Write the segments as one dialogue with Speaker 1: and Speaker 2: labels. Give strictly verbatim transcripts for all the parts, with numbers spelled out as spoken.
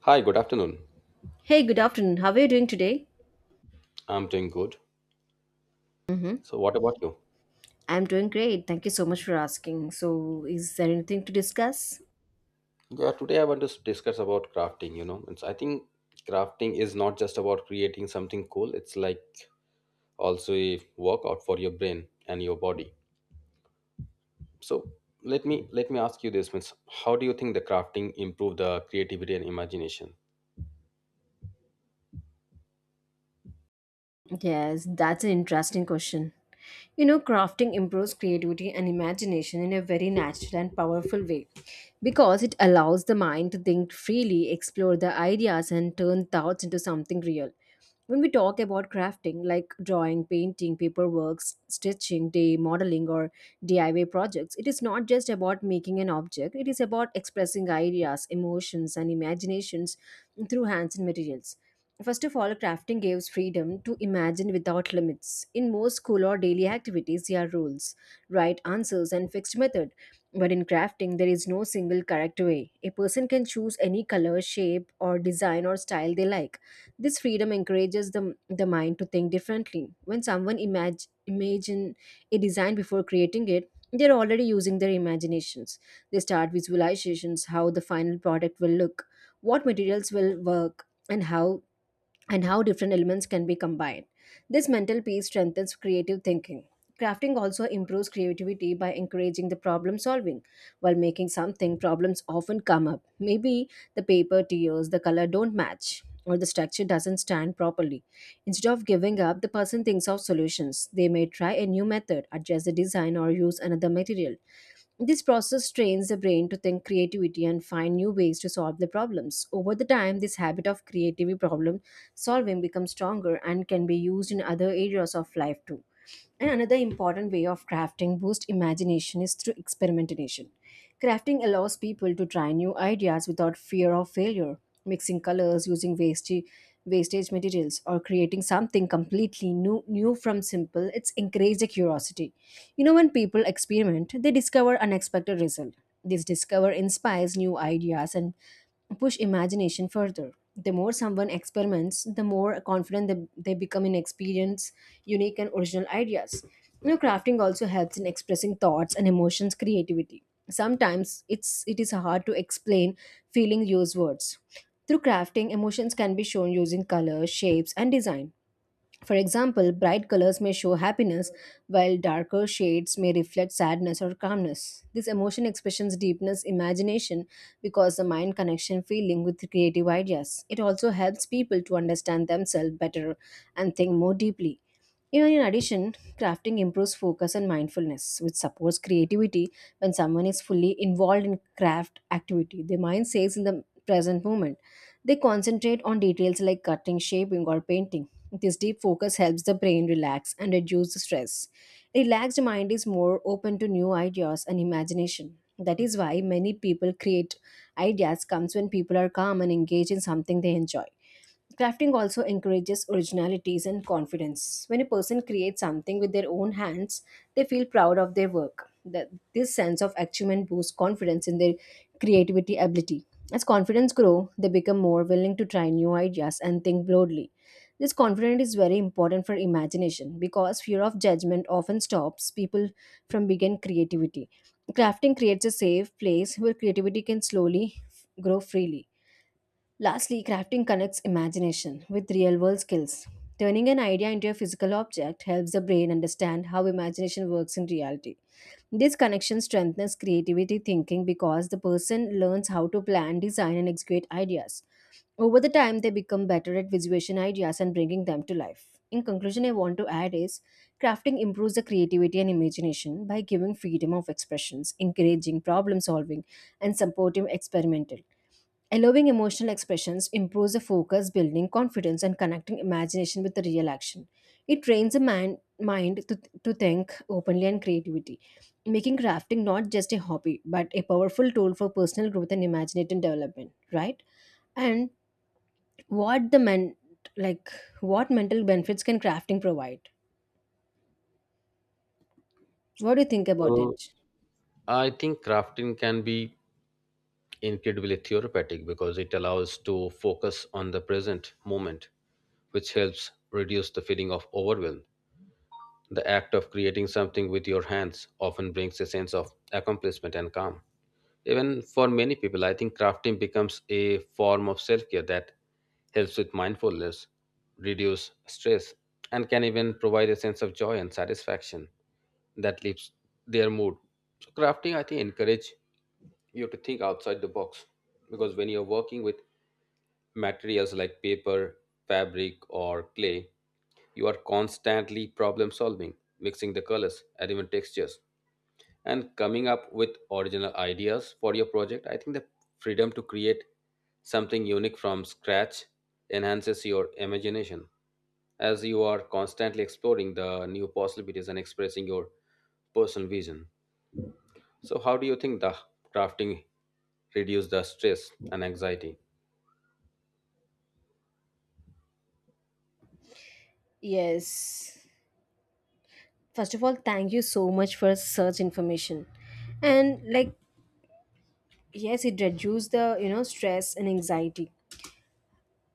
Speaker 1: Hi, good afternoon.
Speaker 2: Hey, good afternoon. How are you doing today?
Speaker 1: I'm doing good.
Speaker 2: Mm-hmm.
Speaker 1: So, what about you?
Speaker 2: I'm doing great. Thank you so much for asking. So, is there anything to discuss?
Speaker 1: Yeah, today I want to s- discuss about crafting. You know, it's, I think crafting is not just about creating something cool, it's like also a workout for your brain and your body. So, let me let me ask you this, means how do you think the crafting improve the creativity and imagination?
Speaker 2: Yes, that's an interesting question. You know, crafting improves creativity and imagination in a very natural and powerful way because it allows the mind to think freely, explore the ideas, and turn thoughts into something real. When we talk about crafting, like drawing, painting, paperwork, s- stitching, day modeling, or D I Y projects, it is not just about making an object, it is about expressing ideas, emotions, and imaginations through hands and materials. First of all, crafting gives freedom to imagine without limits. In most school or daily activities, there are rules, right answers, and fixed method. But in crafting, there is no single correct way. A person can choose any color, shape, or design or style they like. This freedom encourages the, the mind to think differently. When someone imag- imagine a design before creating it, they're already using their imaginations. They start visualizations how the final product will look, what materials will work, and how and how different elements can be combined. This mental piece strengthens creative thinking. Crafting also improves creativity by encouraging the problem solving. While making something, problems often come up. Maybe the paper tears, the color don't match, or the structure doesn't stand properly. Instead of giving up, the person thinks of solutions. They may try a new method, adjust the design, or use another material. This process trains the brain to think creativity and find new ways to solve the problems. Over the time, this habit of creative problem solving becomes stronger and can be used in other areas of life too. And another important way of crafting boost imagination is through experimentation. Crafting allows people to try new ideas without fear of failure. Mixing colors, using wastage, wastage materials, or creating something completely new, new from simple, it's encouraged the curiosity. You know, when people experiment, they discover unexpected results. This discover inspires new ideas and push imagination further. The more someone experiments, the more confident they, they become in experience, unique and original ideas. You know, crafting also helps in expressing thoughts and emotions creativity. Sometimes it's it is hard to explain feeling use words. Through crafting, emotions can be shown using color, shapes, and design. For example, bright colors may show happiness, while darker shades may reflect sadness or calmness. This emotion expressions deepens imagination because the mind connection feeling with creative ideas. It also helps people to understand themselves better and think more deeply. Even in addition, crafting improves focus and mindfulness, which supports creativity when someone is fully involved in craft activity. Their mind stays in the present moment, they concentrate on details like cutting, shaping, or painting. This deep focus helps the brain relax and reduce the stress. Relaxed mind is more open to new ideas and imagination. That is why many people create ideas comes when people are calm and engage in something they enjoy. Crafting also encourages originalities and confidence. When a person creates something with their own hands, they feel proud of their work. That this sense of achievement boosts confidence in their creativity ability. As confidence grow, they become more willing to try new ideas and think broadly. This confidence is very important for imagination because fear of judgment often stops people from begin creativity. Crafting creates a safe place where creativity can slowly f- grow freely. Lastly, crafting connects imagination with real world skills. Turning an idea into a physical object helps the brain understand how imagination works in reality. This connection strengthens creativity thinking because the person learns how to plan, design, and execute ideas. Over the time, they become better at visualization ideas and bringing them to life. In conclusion, I want to add is crafting improves the creativity and imagination by giving freedom of expressions, encouraging problem solving, and supportive experimental. Allowing emotional expressions improves the focus, building confidence, and connecting imagination with the real action. It trains the man, mind to, to think openly and creativity, making crafting not just a hobby but a powerful tool for personal growth and imaginative development, right? And what the men like what mental benefits can crafting provide? What do you think about
Speaker 1: Well,
Speaker 2: it?
Speaker 1: I think crafting can be incredibly therapeutic because it allows to focus on the present moment, which helps reduce the feeling of overwhelm. The act of creating something with your hands often brings a sense of accomplishment and calm. Even for many people, I think crafting becomes a form of self care that helps with mindfulness, reduce stress, and can even provide a sense of joy and satisfaction that lifts their mood. So, crafting, I think, encourage you to think outside the box because when you're working with materials like paper, fabric, or clay, you are constantly problem solving, mixing the colors and even textures, and coming up with original ideas for your project. I think the freedom to create something unique from scratch enhances your imagination as you are constantly exploring the new possibilities and expressing your personal vision. So, how do you think the crafting reduce the stress and anxiety?
Speaker 2: Yes. First of all, thank you so much for such information. And like yes, it reduces the you know stress and anxiety.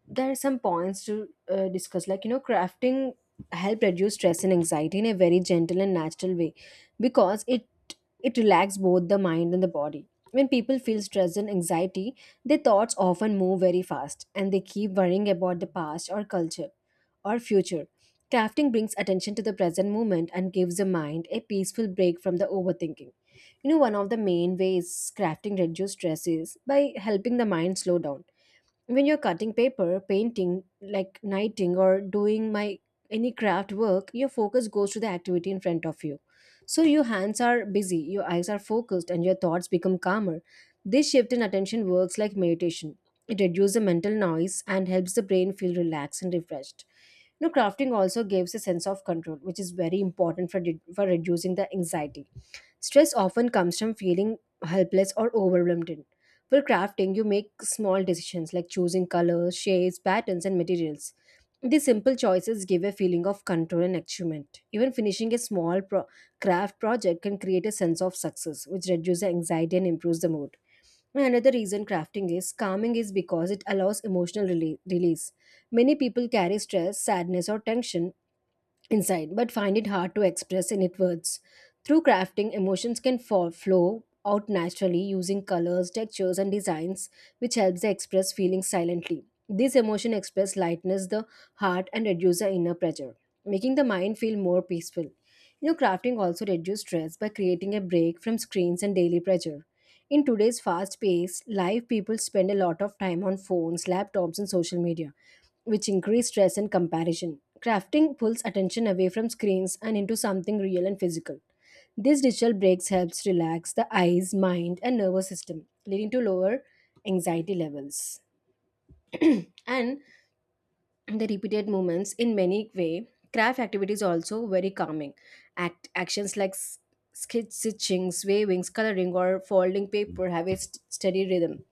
Speaker 2: There are some points to uh, discuss, like you know crafting help reduce stress and anxiety in a very gentle and natural way because it it relaxes both the mind and the body. When people feel stress and anxiety, their thoughts often move very fast and they keep worrying about the past or culture or future. Crafting brings attention to the present moment and gives the mind a peaceful break from the overthinking. You know, one of the main ways crafting reduces stress is by helping the mind slow down. When you're cutting paper, painting, like knitting or doing my any craft work, your focus goes to the activity in front of you. So your hands are busy, your eyes are focused, and your thoughts become calmer. This shift in attention works like meditation. It reduces the mental noise and helps the brain feel relaxed and refreshed. You know, crafting also gives a sense of control, which is very important for, for reducing the anxiety. Stress often comes from feeling helpless or overwhelmed. For crafting, you make small decisions like choosing colors, shapes, patterns, and materials. These simple choices give a feeling of control and achievement. Even finishing a small pro- craft project can create a sense of success, which reduces anxiety and improves the mood. And another reason crafting is calming is because it allows emotional rele- release. Many people carry stress, sadness, or tension inside but find it hard to express in it words. Through crafting, emotions can fall, flow out naturally using colors, textures, and designs, which helps the express feelings silently. These emotion express lightness, the heart, and reduce the inner pressure, making the mind feel more peaceful. You know, crafting also reduces stress by creating a break from screens and daily pressure. In today's fast-paced life, people spend a lot of time on phones, laptops, and social media, which increase stress and comparison. Crafting pulls attention away from screens and into something real and physical. These digital breaks helps relax the eyes, mind, and nervous system, leading to lower anxiety levels. And the repeated movements in many way, craft activities also very calming. Act actions like s- skit stitching, wavings, coloring, or folding paper have a st- steady rhythm.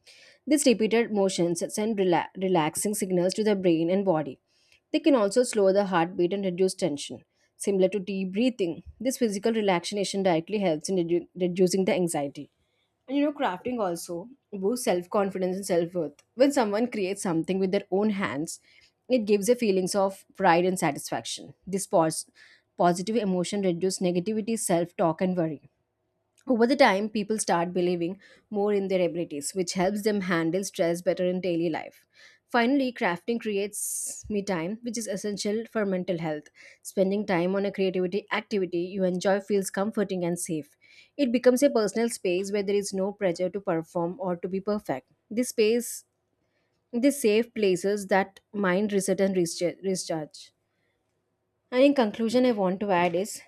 Speaker 2: These repeated motions send rela- relaxing signals to the brain and body. They can also slow the heartbeat and reduce tension, similar to deep breathing. This physical relaxation directly helps in redu- reducing the anxiety. And you know, crafting also boosts self confidence and self worth. When someone creates something with their own hands, it gives a feelings of pride and satisfaction. This pos- positive emotion reduces negativity, self talk, and worry. Over the time, people start believing more in their abilities, which helps them handle stress better in daily life. Finally, crafting creates me time, which is essential for mental health. Spending time on a creativity activity you enjoy feels comforting and safe. It becomes a personal space where there is no pressure to perform or to be perfect. This space, this safe places that mind reset and rescharge. Recharge. And in conclusion, I want to add is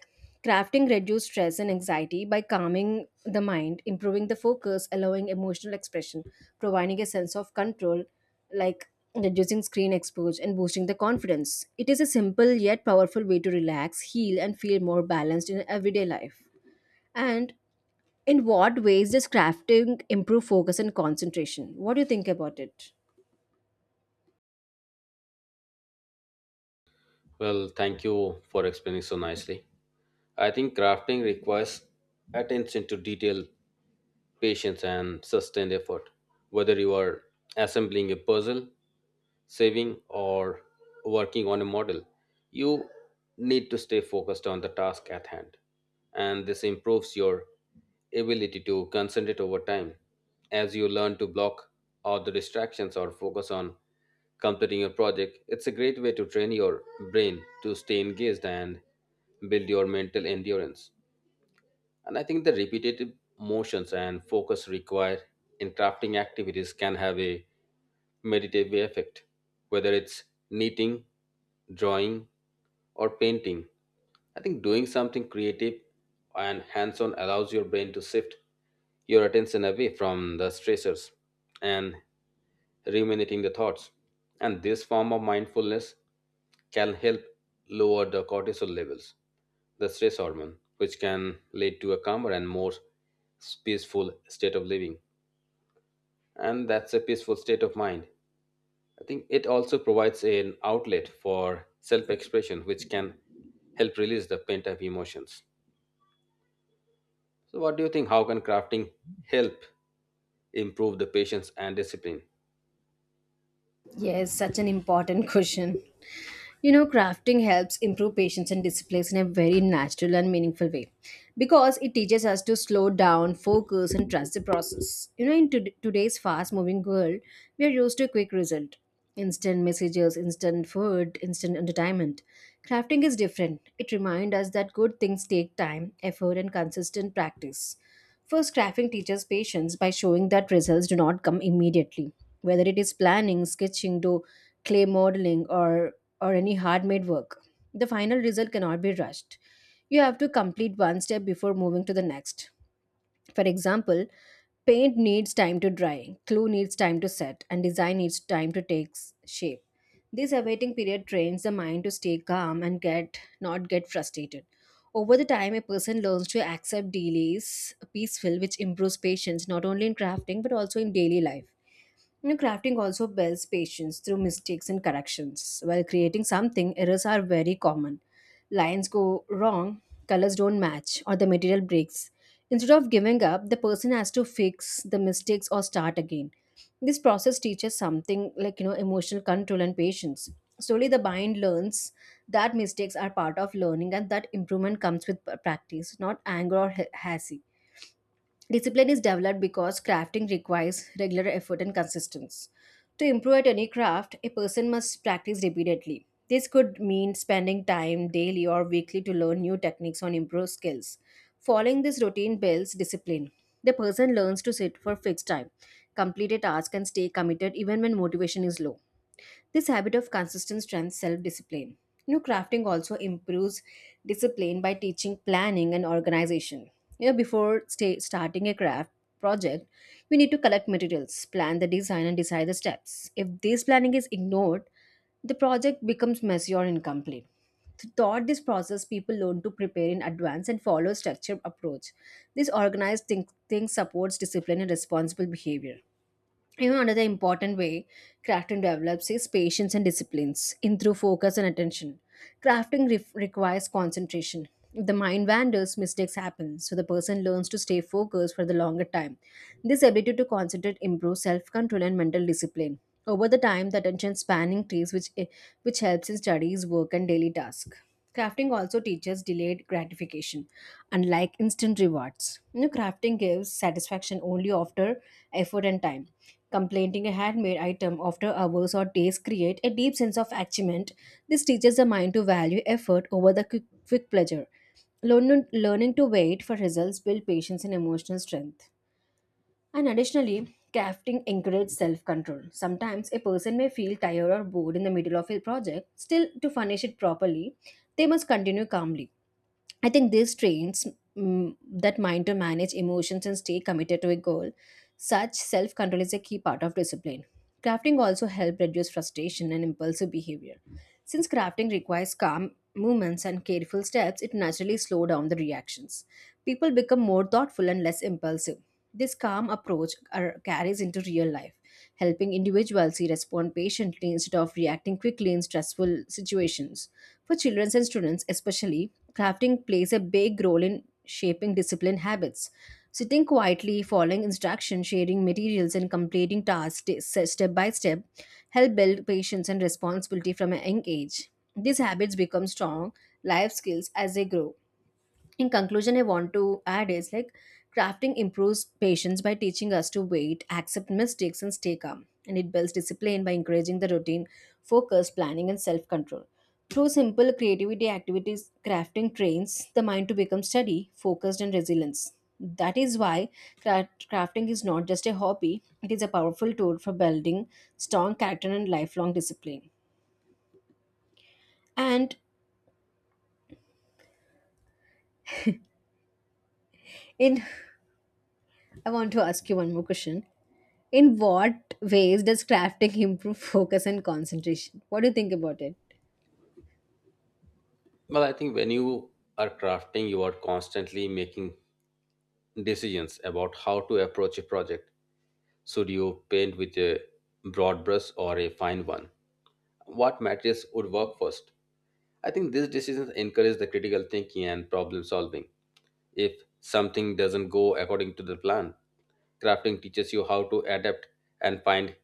Speaker 2: crafting reduces stress and anxiety by calming the mind, improving the focus, allowing emotional expression, providing a sense of control, like reducing screen exposure and boosting the confidence. It is a simple yet powerful way to relax, heal, and feel more balanced in everyday life. And in what ways does crafting improve focus and concentration? What do you think about it?
Speaker 1: Well, thank you for explaining so nicely. I think crafting requires attention to detail patience, and sustained effort. Whether you are assembling a puzzle, saving, or working on a model, you need to stay focused on the task at hand. And this improves your ability to concentrate over time as you learn to block out the distractions or focus on completing a project. It's a great way to train your brain to stay engaged and build your mental endurance. And I think the repetitive motions and focus required in crafting activities can have a meditative effect, whether it's knitting, drawing, or painting. I think doing something creative and hands on allows your brain to shift your attention away from the stressors and ruminating the thoughts. And this form of mindfulness can help lower the cortisol levels, the stress hormone, which can lead to a calmer and more peaceful state of living. And that's a peaceful state of mind. I think it also provides an outlet for self expression, which can help release the pent up emotions. So, what do you think? How can crafting help improve the patience and discipline?
Speaker 2: Yes, such an important question. You know, crafting helps improve patience and disciplines in a very natural and meaningful way because it teaches us to slow down, focus, and trust the process. You know, in tod- today's fast moving world, we are used to quick result, instant messages, instant food, instant entertainment. Crafting is different. It reminds us that good things take time, effort, and consistent practice. First, crafting teaches patience by showing that results do not come immediately. Whether it is planning, sketching, do clay modeling, or or any hard made work. The final result cannot be rushed. You have to complete one step before moving to the next. For example, paint needs time to dry, glue needs time to set, and design needs time to take s- shape. This awaiting period trains the mind to stay calm and get not get frustrated. Over the time, a person learns to accept delays peaceful, which improves patience not only in crafting but also in daily life. You know, crafting also builds patience through mistakes and corrections. While creating something, errors are very common. Lines go wrong, colors don't match, or the material breaks. Instead of giving up, the person has to fix the mistakes or start again. This process teaches something like, you know, emotional control and patience. Slowly, the mind learns that mistakes are part of learning and that improvement comes with p- practice, not anger or ha- hasty. Discipline is developed because crafting requires regular effort and consistency. To improve at any craft, a person must practice repeatedly. This could mean spending time daily or weekly to learn new techniques or improve skills. Following this routine builds discipline. The person learns to sit for fixed time, complete a task, and stay committed even when motivation is low. This habit of consistent strength self discipline. You know, crafting also improves discipline by teaching planning and organization. You know, before sta- starting a craft project, we need to collect materials, plan the design, and decide the steps. If this planning is ignored, the project becomes messy or incomplete. Throughout this process, people learn to prepare in advance and follow a structured approach. This organized think- thing supports discipline and responsible behavior. You know, another important way crafting develops is patience and disciplines in through focus and attention. Crafting re- requires concentration. If the mind wanders, mistakes happen, so the person learns to stay focused for the longer time. This ability to concentrate improves self-control and mental discipline. Over the time, the attention span increases, which, eh, which helps in studies, work, and daily tasks. Crafting also teaches delayed gratification, unlike instant rewards. You know, crafting gives satisfaction only after effort and time. Completing a handmade item after hours or days create a deep sense of achievement. This teaches the mind to value effort over the quick, quick pleasure. Learn, learning to wait for results build patience and emotional strength. And additionally, crafting encourages self-control. Sometimes a person may feel tired or bored in the middle of a project. Still, to finish it properly, they must continue calmly. I think this trains mm, that mind to manage emotions and stay committed to a goal. Such self control is a key part of discipline. Crafting also helps reduce frustration and impulsive behavior. Since crafting requires calm movements and careful steps, it naturally slows down the reactions. People become more thoughtful and less impulsive. This calm approach ar- carries into real life, helping individuals respond patiently instead of reacting quickly in stressful situations. For children and students, especially, crafting plays a big role in shaping discipline habits. Sitting quietly, following instructions, sharing materials, and completing tasks st- se- step by step help build patience and responsibility from a young age. These habits become strong life skills as they grow. In conclusion, I want to add is like crafting improves patience by teaching us to wait, accept mistakes, and stay calm, and it builds discipline by encouraging the routine, focus, planning, and self-control. Through simple creativity activities, crafting trains the mind to become steady, focused, and resilient. That is why cra- crafting is not just a hobby. It is a powerful tool for building strong character and lifelong discipline. And in I want to ask you one more question. In what ways does crafting improve focus and concentration? What do you think about it?
Speaker 1: Well, I think when you are crafting, you are constantly making decisions about how to approach a project. Should you paint with a broad brush or a fine one? What materials would work first? I think these decisions encourage the critical thinking and problem solving. If something doesn't go according to the plan, crafting teaches you how to adapt and find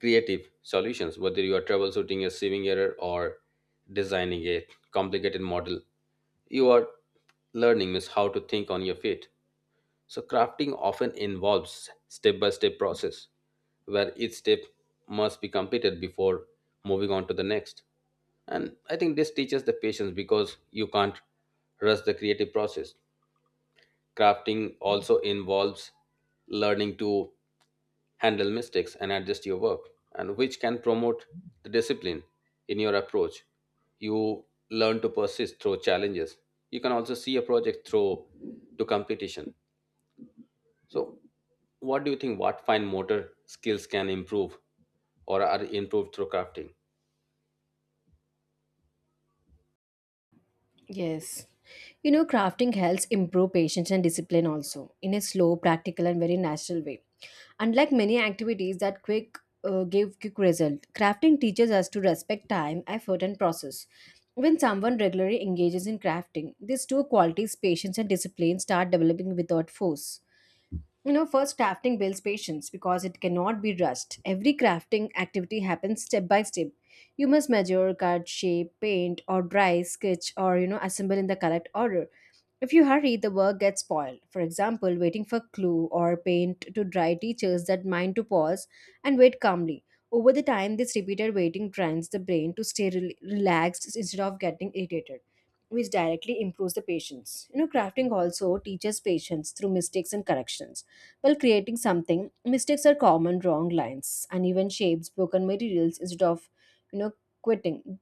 Speaker 1: creative solutions, whether you are troubleshooting a sieving error or designing a complicated model. You are learning is how to think on your feet. So crafting often involves step-by-step process where each step must be completed before moving on to the next. And I think this teaches the patience because you can't rush the creative process. Crafting also involves learning to handle mistakes and adjust your work, and which can promote the discipline in your approach. You learn to persist through challenges. You can also see a project through to competition. So what do you think? What fine motor skills can improve or are improved through crafting?
Speaker 2: Yes. You know, crafting helps improve patience and discipline also in a slow, practical, and very natural way. Unlike many activities that quick uh, give quick result, crafting teaches us to respect time, effort, and process. When someone regularly engages in crafting, these two qualities, patience and discipline, start developing without force. You know, first, crafting builds patience because it cannot be rushed. Every crafting activity happens step by step. You must measure, cut, shape, paint, or dry, sketch, or, you know, assemble in the correct order. If you hurry, the work gets spoiled. For example, waiting for glue or paint to dry teaches that mind to pause and wait calmly. Over the time, this repeated waiting trains the brain to stay rel- relaxed instead of getting irritated, which directly improves the patience. You know, crafting also teaches patience through mistakes and corrections. While creating something, mistakes are common, wrong lines, uneven shapes, broken materials instead of, you know, quitting.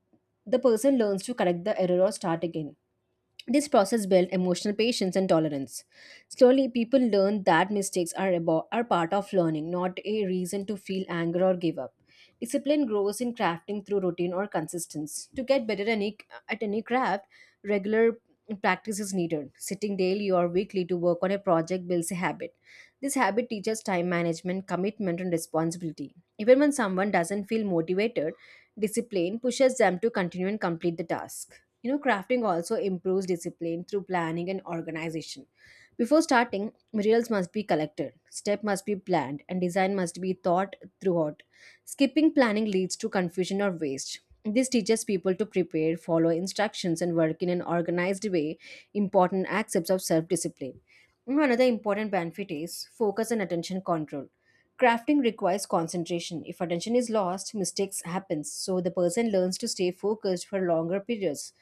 Speaker 2: The person learns to correct the error or start again. This process built emotional patience and tolerance. Slowly, people learn that mistakes are about are part of learning, not a reason to feel anger or give up. Discipline grows in crafting through routine or consistency. To get better any, At any craft, regular practice is needed. Sitting daily or weekly to work on a project builds a habit. This habit teaches time management, commitment, and responsibility. Even when someone doesn't feel motivated, discipline pushes them to continue and complete the task. You know, crafting also improves discipline through planning and organization. Before starting, materials must be collected, step must be planned, and design must be thought throughout. Skipping planning leads to confusion or waste. This teaches people to prepare, follow instructions, and work in an organized way, important aspects of self discipline. Another important benefit is focus and attention control. Crafting requires concentration. If attention is lost, mistakes happen, so the person learns to stay focused for longer periods.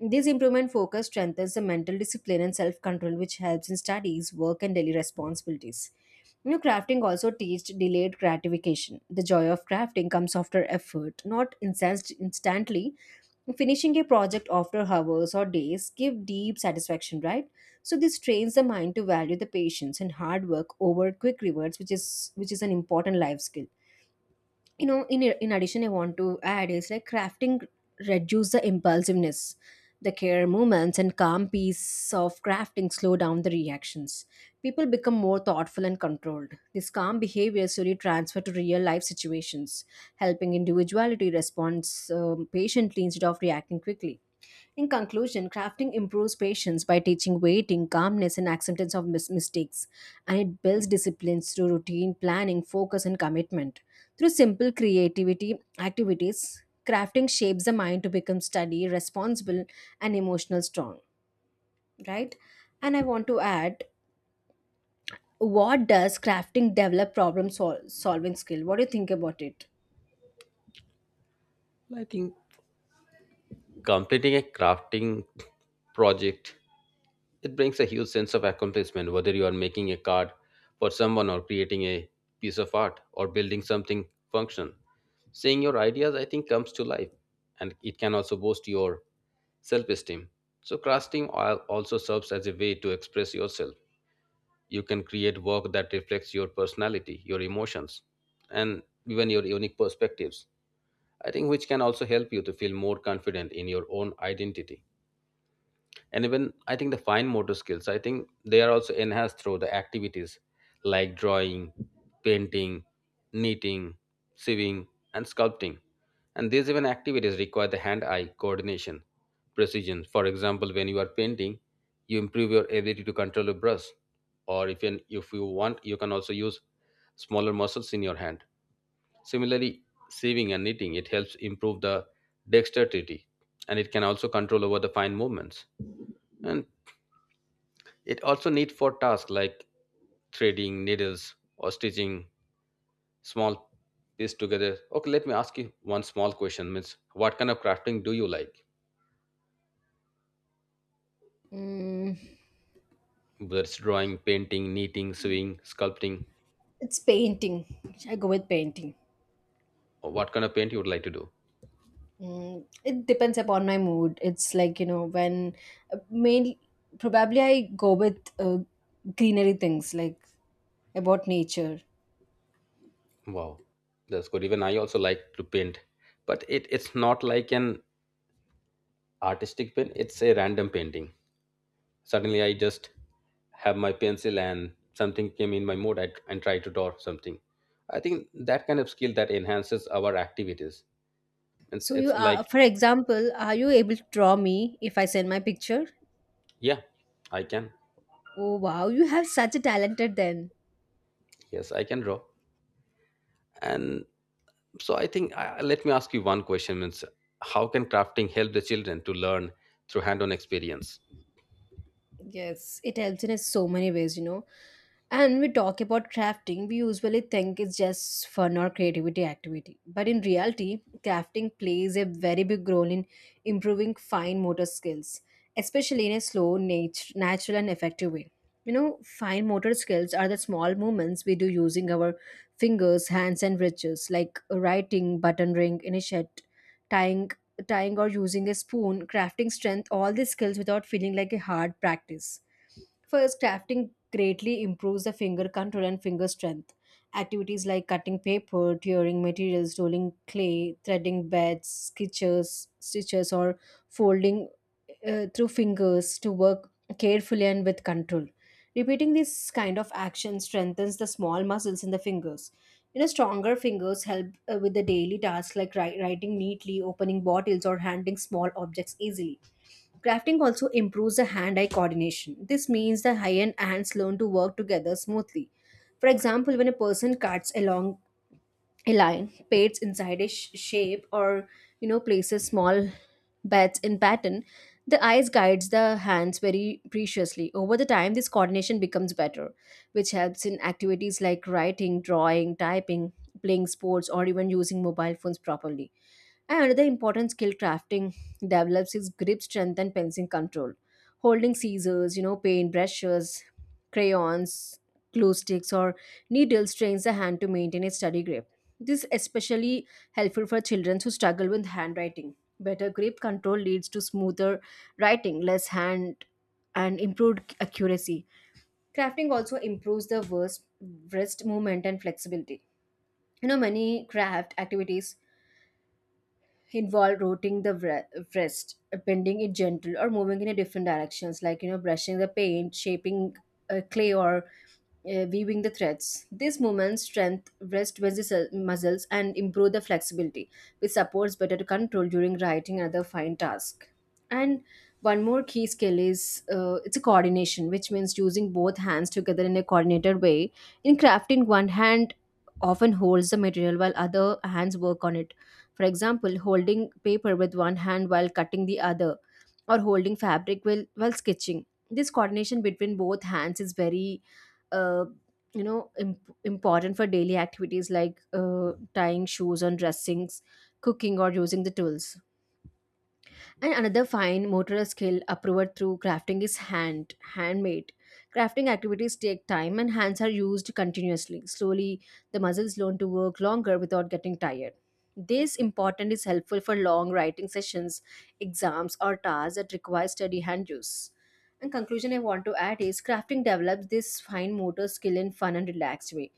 Speaker 2: This improvement focus strengthens the mental discipline and self control, which helps in studies, work, and daily responsibilities. You know, crafting also teaches delayed gratification. The joy of crafting comes after effort, not incensed instantly. Finishing a project after hours or days give deep satisfaction, right? So this trains the mind to value the patience and hard work over quick rewards, which is which is an important life skill. You know in in addition, I want to add is like crafting reduce the impulsiveness, the care movements and calm piece of crafting slow down the reactions. People become more thoughtful and controlled. This calm behavior slowly transfer to real life situations, helping individuality responds um, patiently instead of reacting quickly. In conclusion, crafting improves patience by teaching waiting, calmness, and acceptance of mis- mistakes, and it builds disciplines through routine, planning, focus, and commitment. Through simple creativity activities, crafting shapes the mind to become steady, responsible, and emotional strong. Right? And I want to add, what does crafting develop problem sol- solving skill? What do you think about it?
Speaker 1: I think completing a crafting project it brings a huge sense of accomplishment. Whether you are making a card for someone or creating a piece of art or building something functional, seeing your ideas I think comes to life, and it can also boost your self-esteem. So crafting al- also serves as a way to express yourself you can create work that reflects your personality, your emotions, and even your unique perspectives. I think which can also help you to feel more confident in your own identity and even I think the fine motor skills I think they are also enhanced through the activities like drawing painting knitting sewing and sculpting and these even activities require the hand eye coordination precision for example when you are painting you improve your ability to control a brush or if you, if you want you can also use smaller muscles in your hand similarly sewing and knitting it helps improve the dexterity and it can also control over the fine movements and it also need for tasks like threading needles or stitching small piece together. Okay, let me ask you one small question. Means what kind of crafting do you like?
Speaker 2: Mm,
Speaker 1: Whether it's drawing, painting, knitting, sewing, sculpting,
Speaker 2: it's painting. I go with painting.
Speaker 1: or what kind of paint you would like to do?
Speaker 2: Mm, it depends upon my mood. It's like, you know, when uh, mainly probably I go with uh, greenery things like about nature.
Speaker 1: Wow, that's good. Even I also like to paint, but it, it's not like an artistic paint. It's a random painting. Suddenly, I just have my pencil and something came in my mood I, and try to draw something. I think that kind of skill that enhances our activities. It's,
Speaker 2: So you
Speaker 1: it's
Speaker 2: are,
Speaker 1: like,
Speaker 2: for example, are you able to draw me if I send my picture?
Speaker 1: yeah, I can.
Speaker 2: Oh wow, you have such a talented then.
Speaker 1: Yes, I can draw. And so I think, uh, let me ask you one question. Means how can crafting help the children to learn through hand-on experience?
Speaker 2: Yes, it helps in so many ways, you know. And we talk about crafting, we usually think it's just fun or creativity activity. But in reality, crafting plays a very big role in improving fine motor skills, especially in a slow, nat- natural, and effective way. You know, fine motor skills are the small movements we do using our fingers, hands, and wrists, like writing, button ring, initiate, tying tying or using a spoon, crafting strength, all these skills without feeling like a hard practice. First, crafting greatly improves the finger control and finger strength. Activities like cutting paper, tearing materials, rolling clay, threading beds, sketches, stitches, or folding uh, through fingers to work carefully and with control. Repeating this kind of action strengthens the small muscles in the fingers. You know, stronger fingers help uh, with the daily tasks like wri- writing neatly, opening bottles, or handling small objects easily. Crafting also improves the hand eye coordination. This means the high end ants learn to work together smoothly. For example, when a person cuts along a lion paints inside a sh- shape or, you know, places small bets in pattern, the eyes guides the hands very preciously. Over the time, this coordination becomes better, which helps in activities like writing, drawing, typing, playing sports, or even using mobile phones properly. And another important skill crafting develops is grip strength and pencil control. Holding scissors, you know, paint brushes, crayons, glue sticks, or needles trains the hand to maintain a steady grip. This is especially helpful for children who struggle with handwriting. Better grip control leads to smoother writing, less hand, and improved accuracy. Crafting also improves the wrist, wrist movement and flexibility. You know, many craft activities involve rotating the wre- wrist, bending it gentle, or moving in a different directions, like, you know, brushing the paint, shaping uh, clay, or uh, weaving the threads. These movements strengthen wrist muscle- muscles and improve the flexibility, which supports better control during writing and other fine tasks. And one more key skill is uh, it's a coordination, which means using both hands together in a coordinated way. In crafting, one hand often holds the material while other hands work on it, for example, holding paper with one hand while cutting the other, or holding fabric while, while sketching. This coordination between both hands is very uh, you know imp- important for daily activities like uh, tying shoes on dressings, cooking or using the tools. And another fine motor skill approved through crafting is hand, handmade. Crafting activities take time and hands are used continuously. Slowly, the muscles learn to work longer without getting tired. This important is helpful for long writing sessions, exams, or tasks that require steady hand use. And conclusion I want to add is crafting develops this fine motor skill in fun and relaxed way.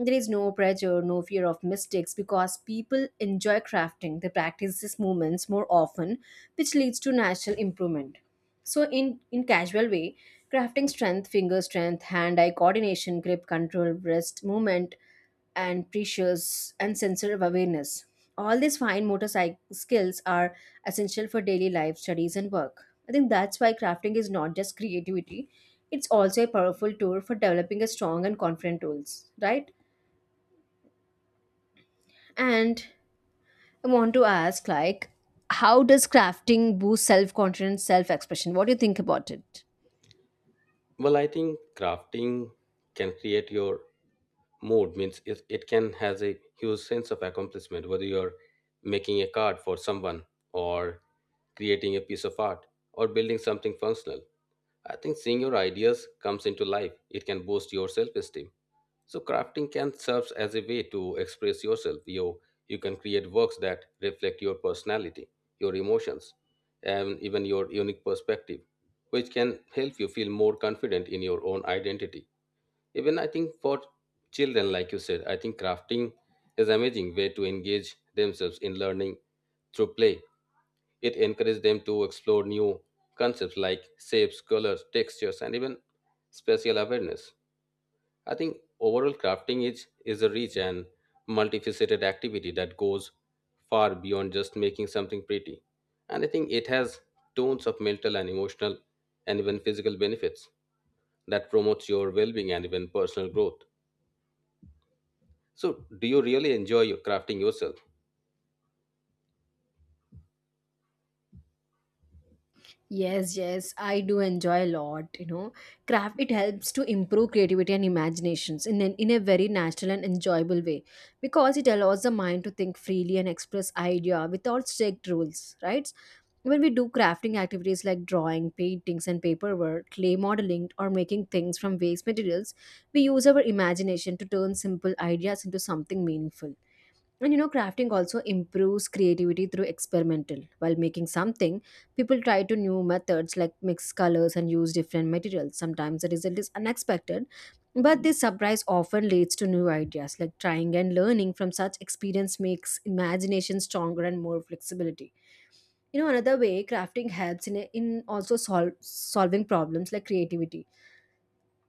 Speaker 2: There is no pressure, no fear of mistakes because people enjoy crafting. They practice these movements more often, which leads to natural improvement. So, in, in casual way, crafting strength, finger strength, hand-eye coordination, grip control, wrist movement, and precious and sensory awareness. All these fine motor psych- skills are essential for daily life, studies, and work. I think that's why crafting is not just creativity; it's also a powerful tool for developing a strong and confident tools, right? And I want to ask, like, how does crafting boost self confidence, self expression? What do you think about it?
Speaker 1: Well, I think crafting can create your mode means it, it can has a huge sense of accomplishment whether you're making a card for someone or creating a piece of art or building something functional I think seeing your ideas comes into life it can boost your self-esteem so crafting can serve as a way to express yourself you, you can create works that reflect your personality your emotions and even your unique perspective which can help you feel more confident in your own identity even I think for children like you said I think crafting is amazing way to engage themselves in learning through play it encourages them to explore new concepts like shapes colors textures and even spatial awareness I think overall crafting is is a rich and multifaceted activity that goes far beyond just making something pretty and I think it has tons of mental and emotional and even physical benefits that promotes your well-being and even personal growth. So, do you really enjoy your crafting yourself?
Speaker 2: Yes, yes, I do enjoy a lot. You know, craft it helps to improve creativity and imaginations in an, in a very natural and enjoyable way because it allows the mind to think freely and express idea without strict rules. Right? When we do crafting activities like drawing, paintings, and paperwork, clay modeling, or making things from waste materials, we use our imagination to turn simple ideas into something meaningful. And you know, crafting also improves creativity through experimental. While making something, people try to new methods like mix colors and use different materials. Sometimes the result is unexpected, but this surprise often leads to new ideas. Like trying and learning from such experience makes imagination stronger and more flexibility. You know, another way crafting helps in, in also solve, solving problems like creativity.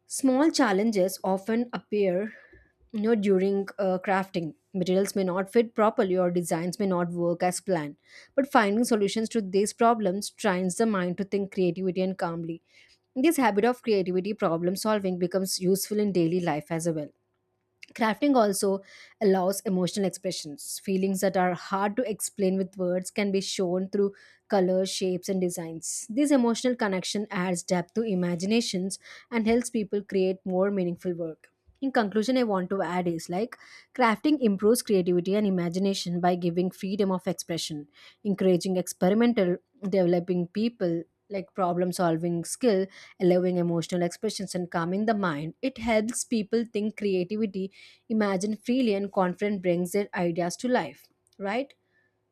Speaker 2: Small challenges often appear, you know, during uh, crafting. Materials may not fit properly or designs may not work as planned. But finding solutions to these problems trains the mind to think creativity and calmly. This habit of creativity problem solving becomes useful in daily life as well. Crafting also allows emotional expressions. Feelings that are hard to explain with words can be shown through colors, shapes, and designs. This emotional connection adds depth to imaginations and helps people create more meaningful work. In conclusion, I want to add is like crafting improves creativity and imagination by giving freedom of expression, encouraging experimental, developing people like problem solving skill, allowing emotional expressions, and calming the mind. It helps people think creativity, imagine freely, and confident brings their ideas to life, right?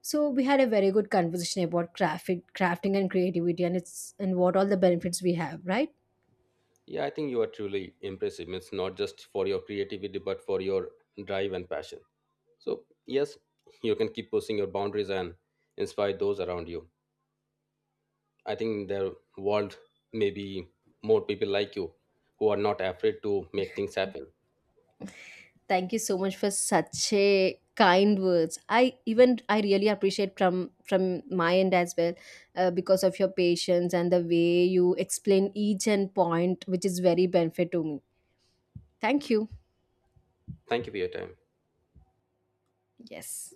Speaker 2: So we had a very good conversation about crafting, crafting and creativity, and it's and what all the benefits we have, right?
Speaker 1: Yeah, I think you are truly impressive. It's not just for your creativity, but for your drive and passion. So, yes, you can keep pushing your boundaries and inspire those around you. I think in the world may be more people like you who are not afraid to make things happen.
Speaker 2: Thank you so much for such a kind words. I even I really appreciate from from my end as well, uh, because of your patience and the way you explain each and point, which is very benefit to me. Thank you.
Speaker 1: Thank you for your time.
Speaker 2: Yes.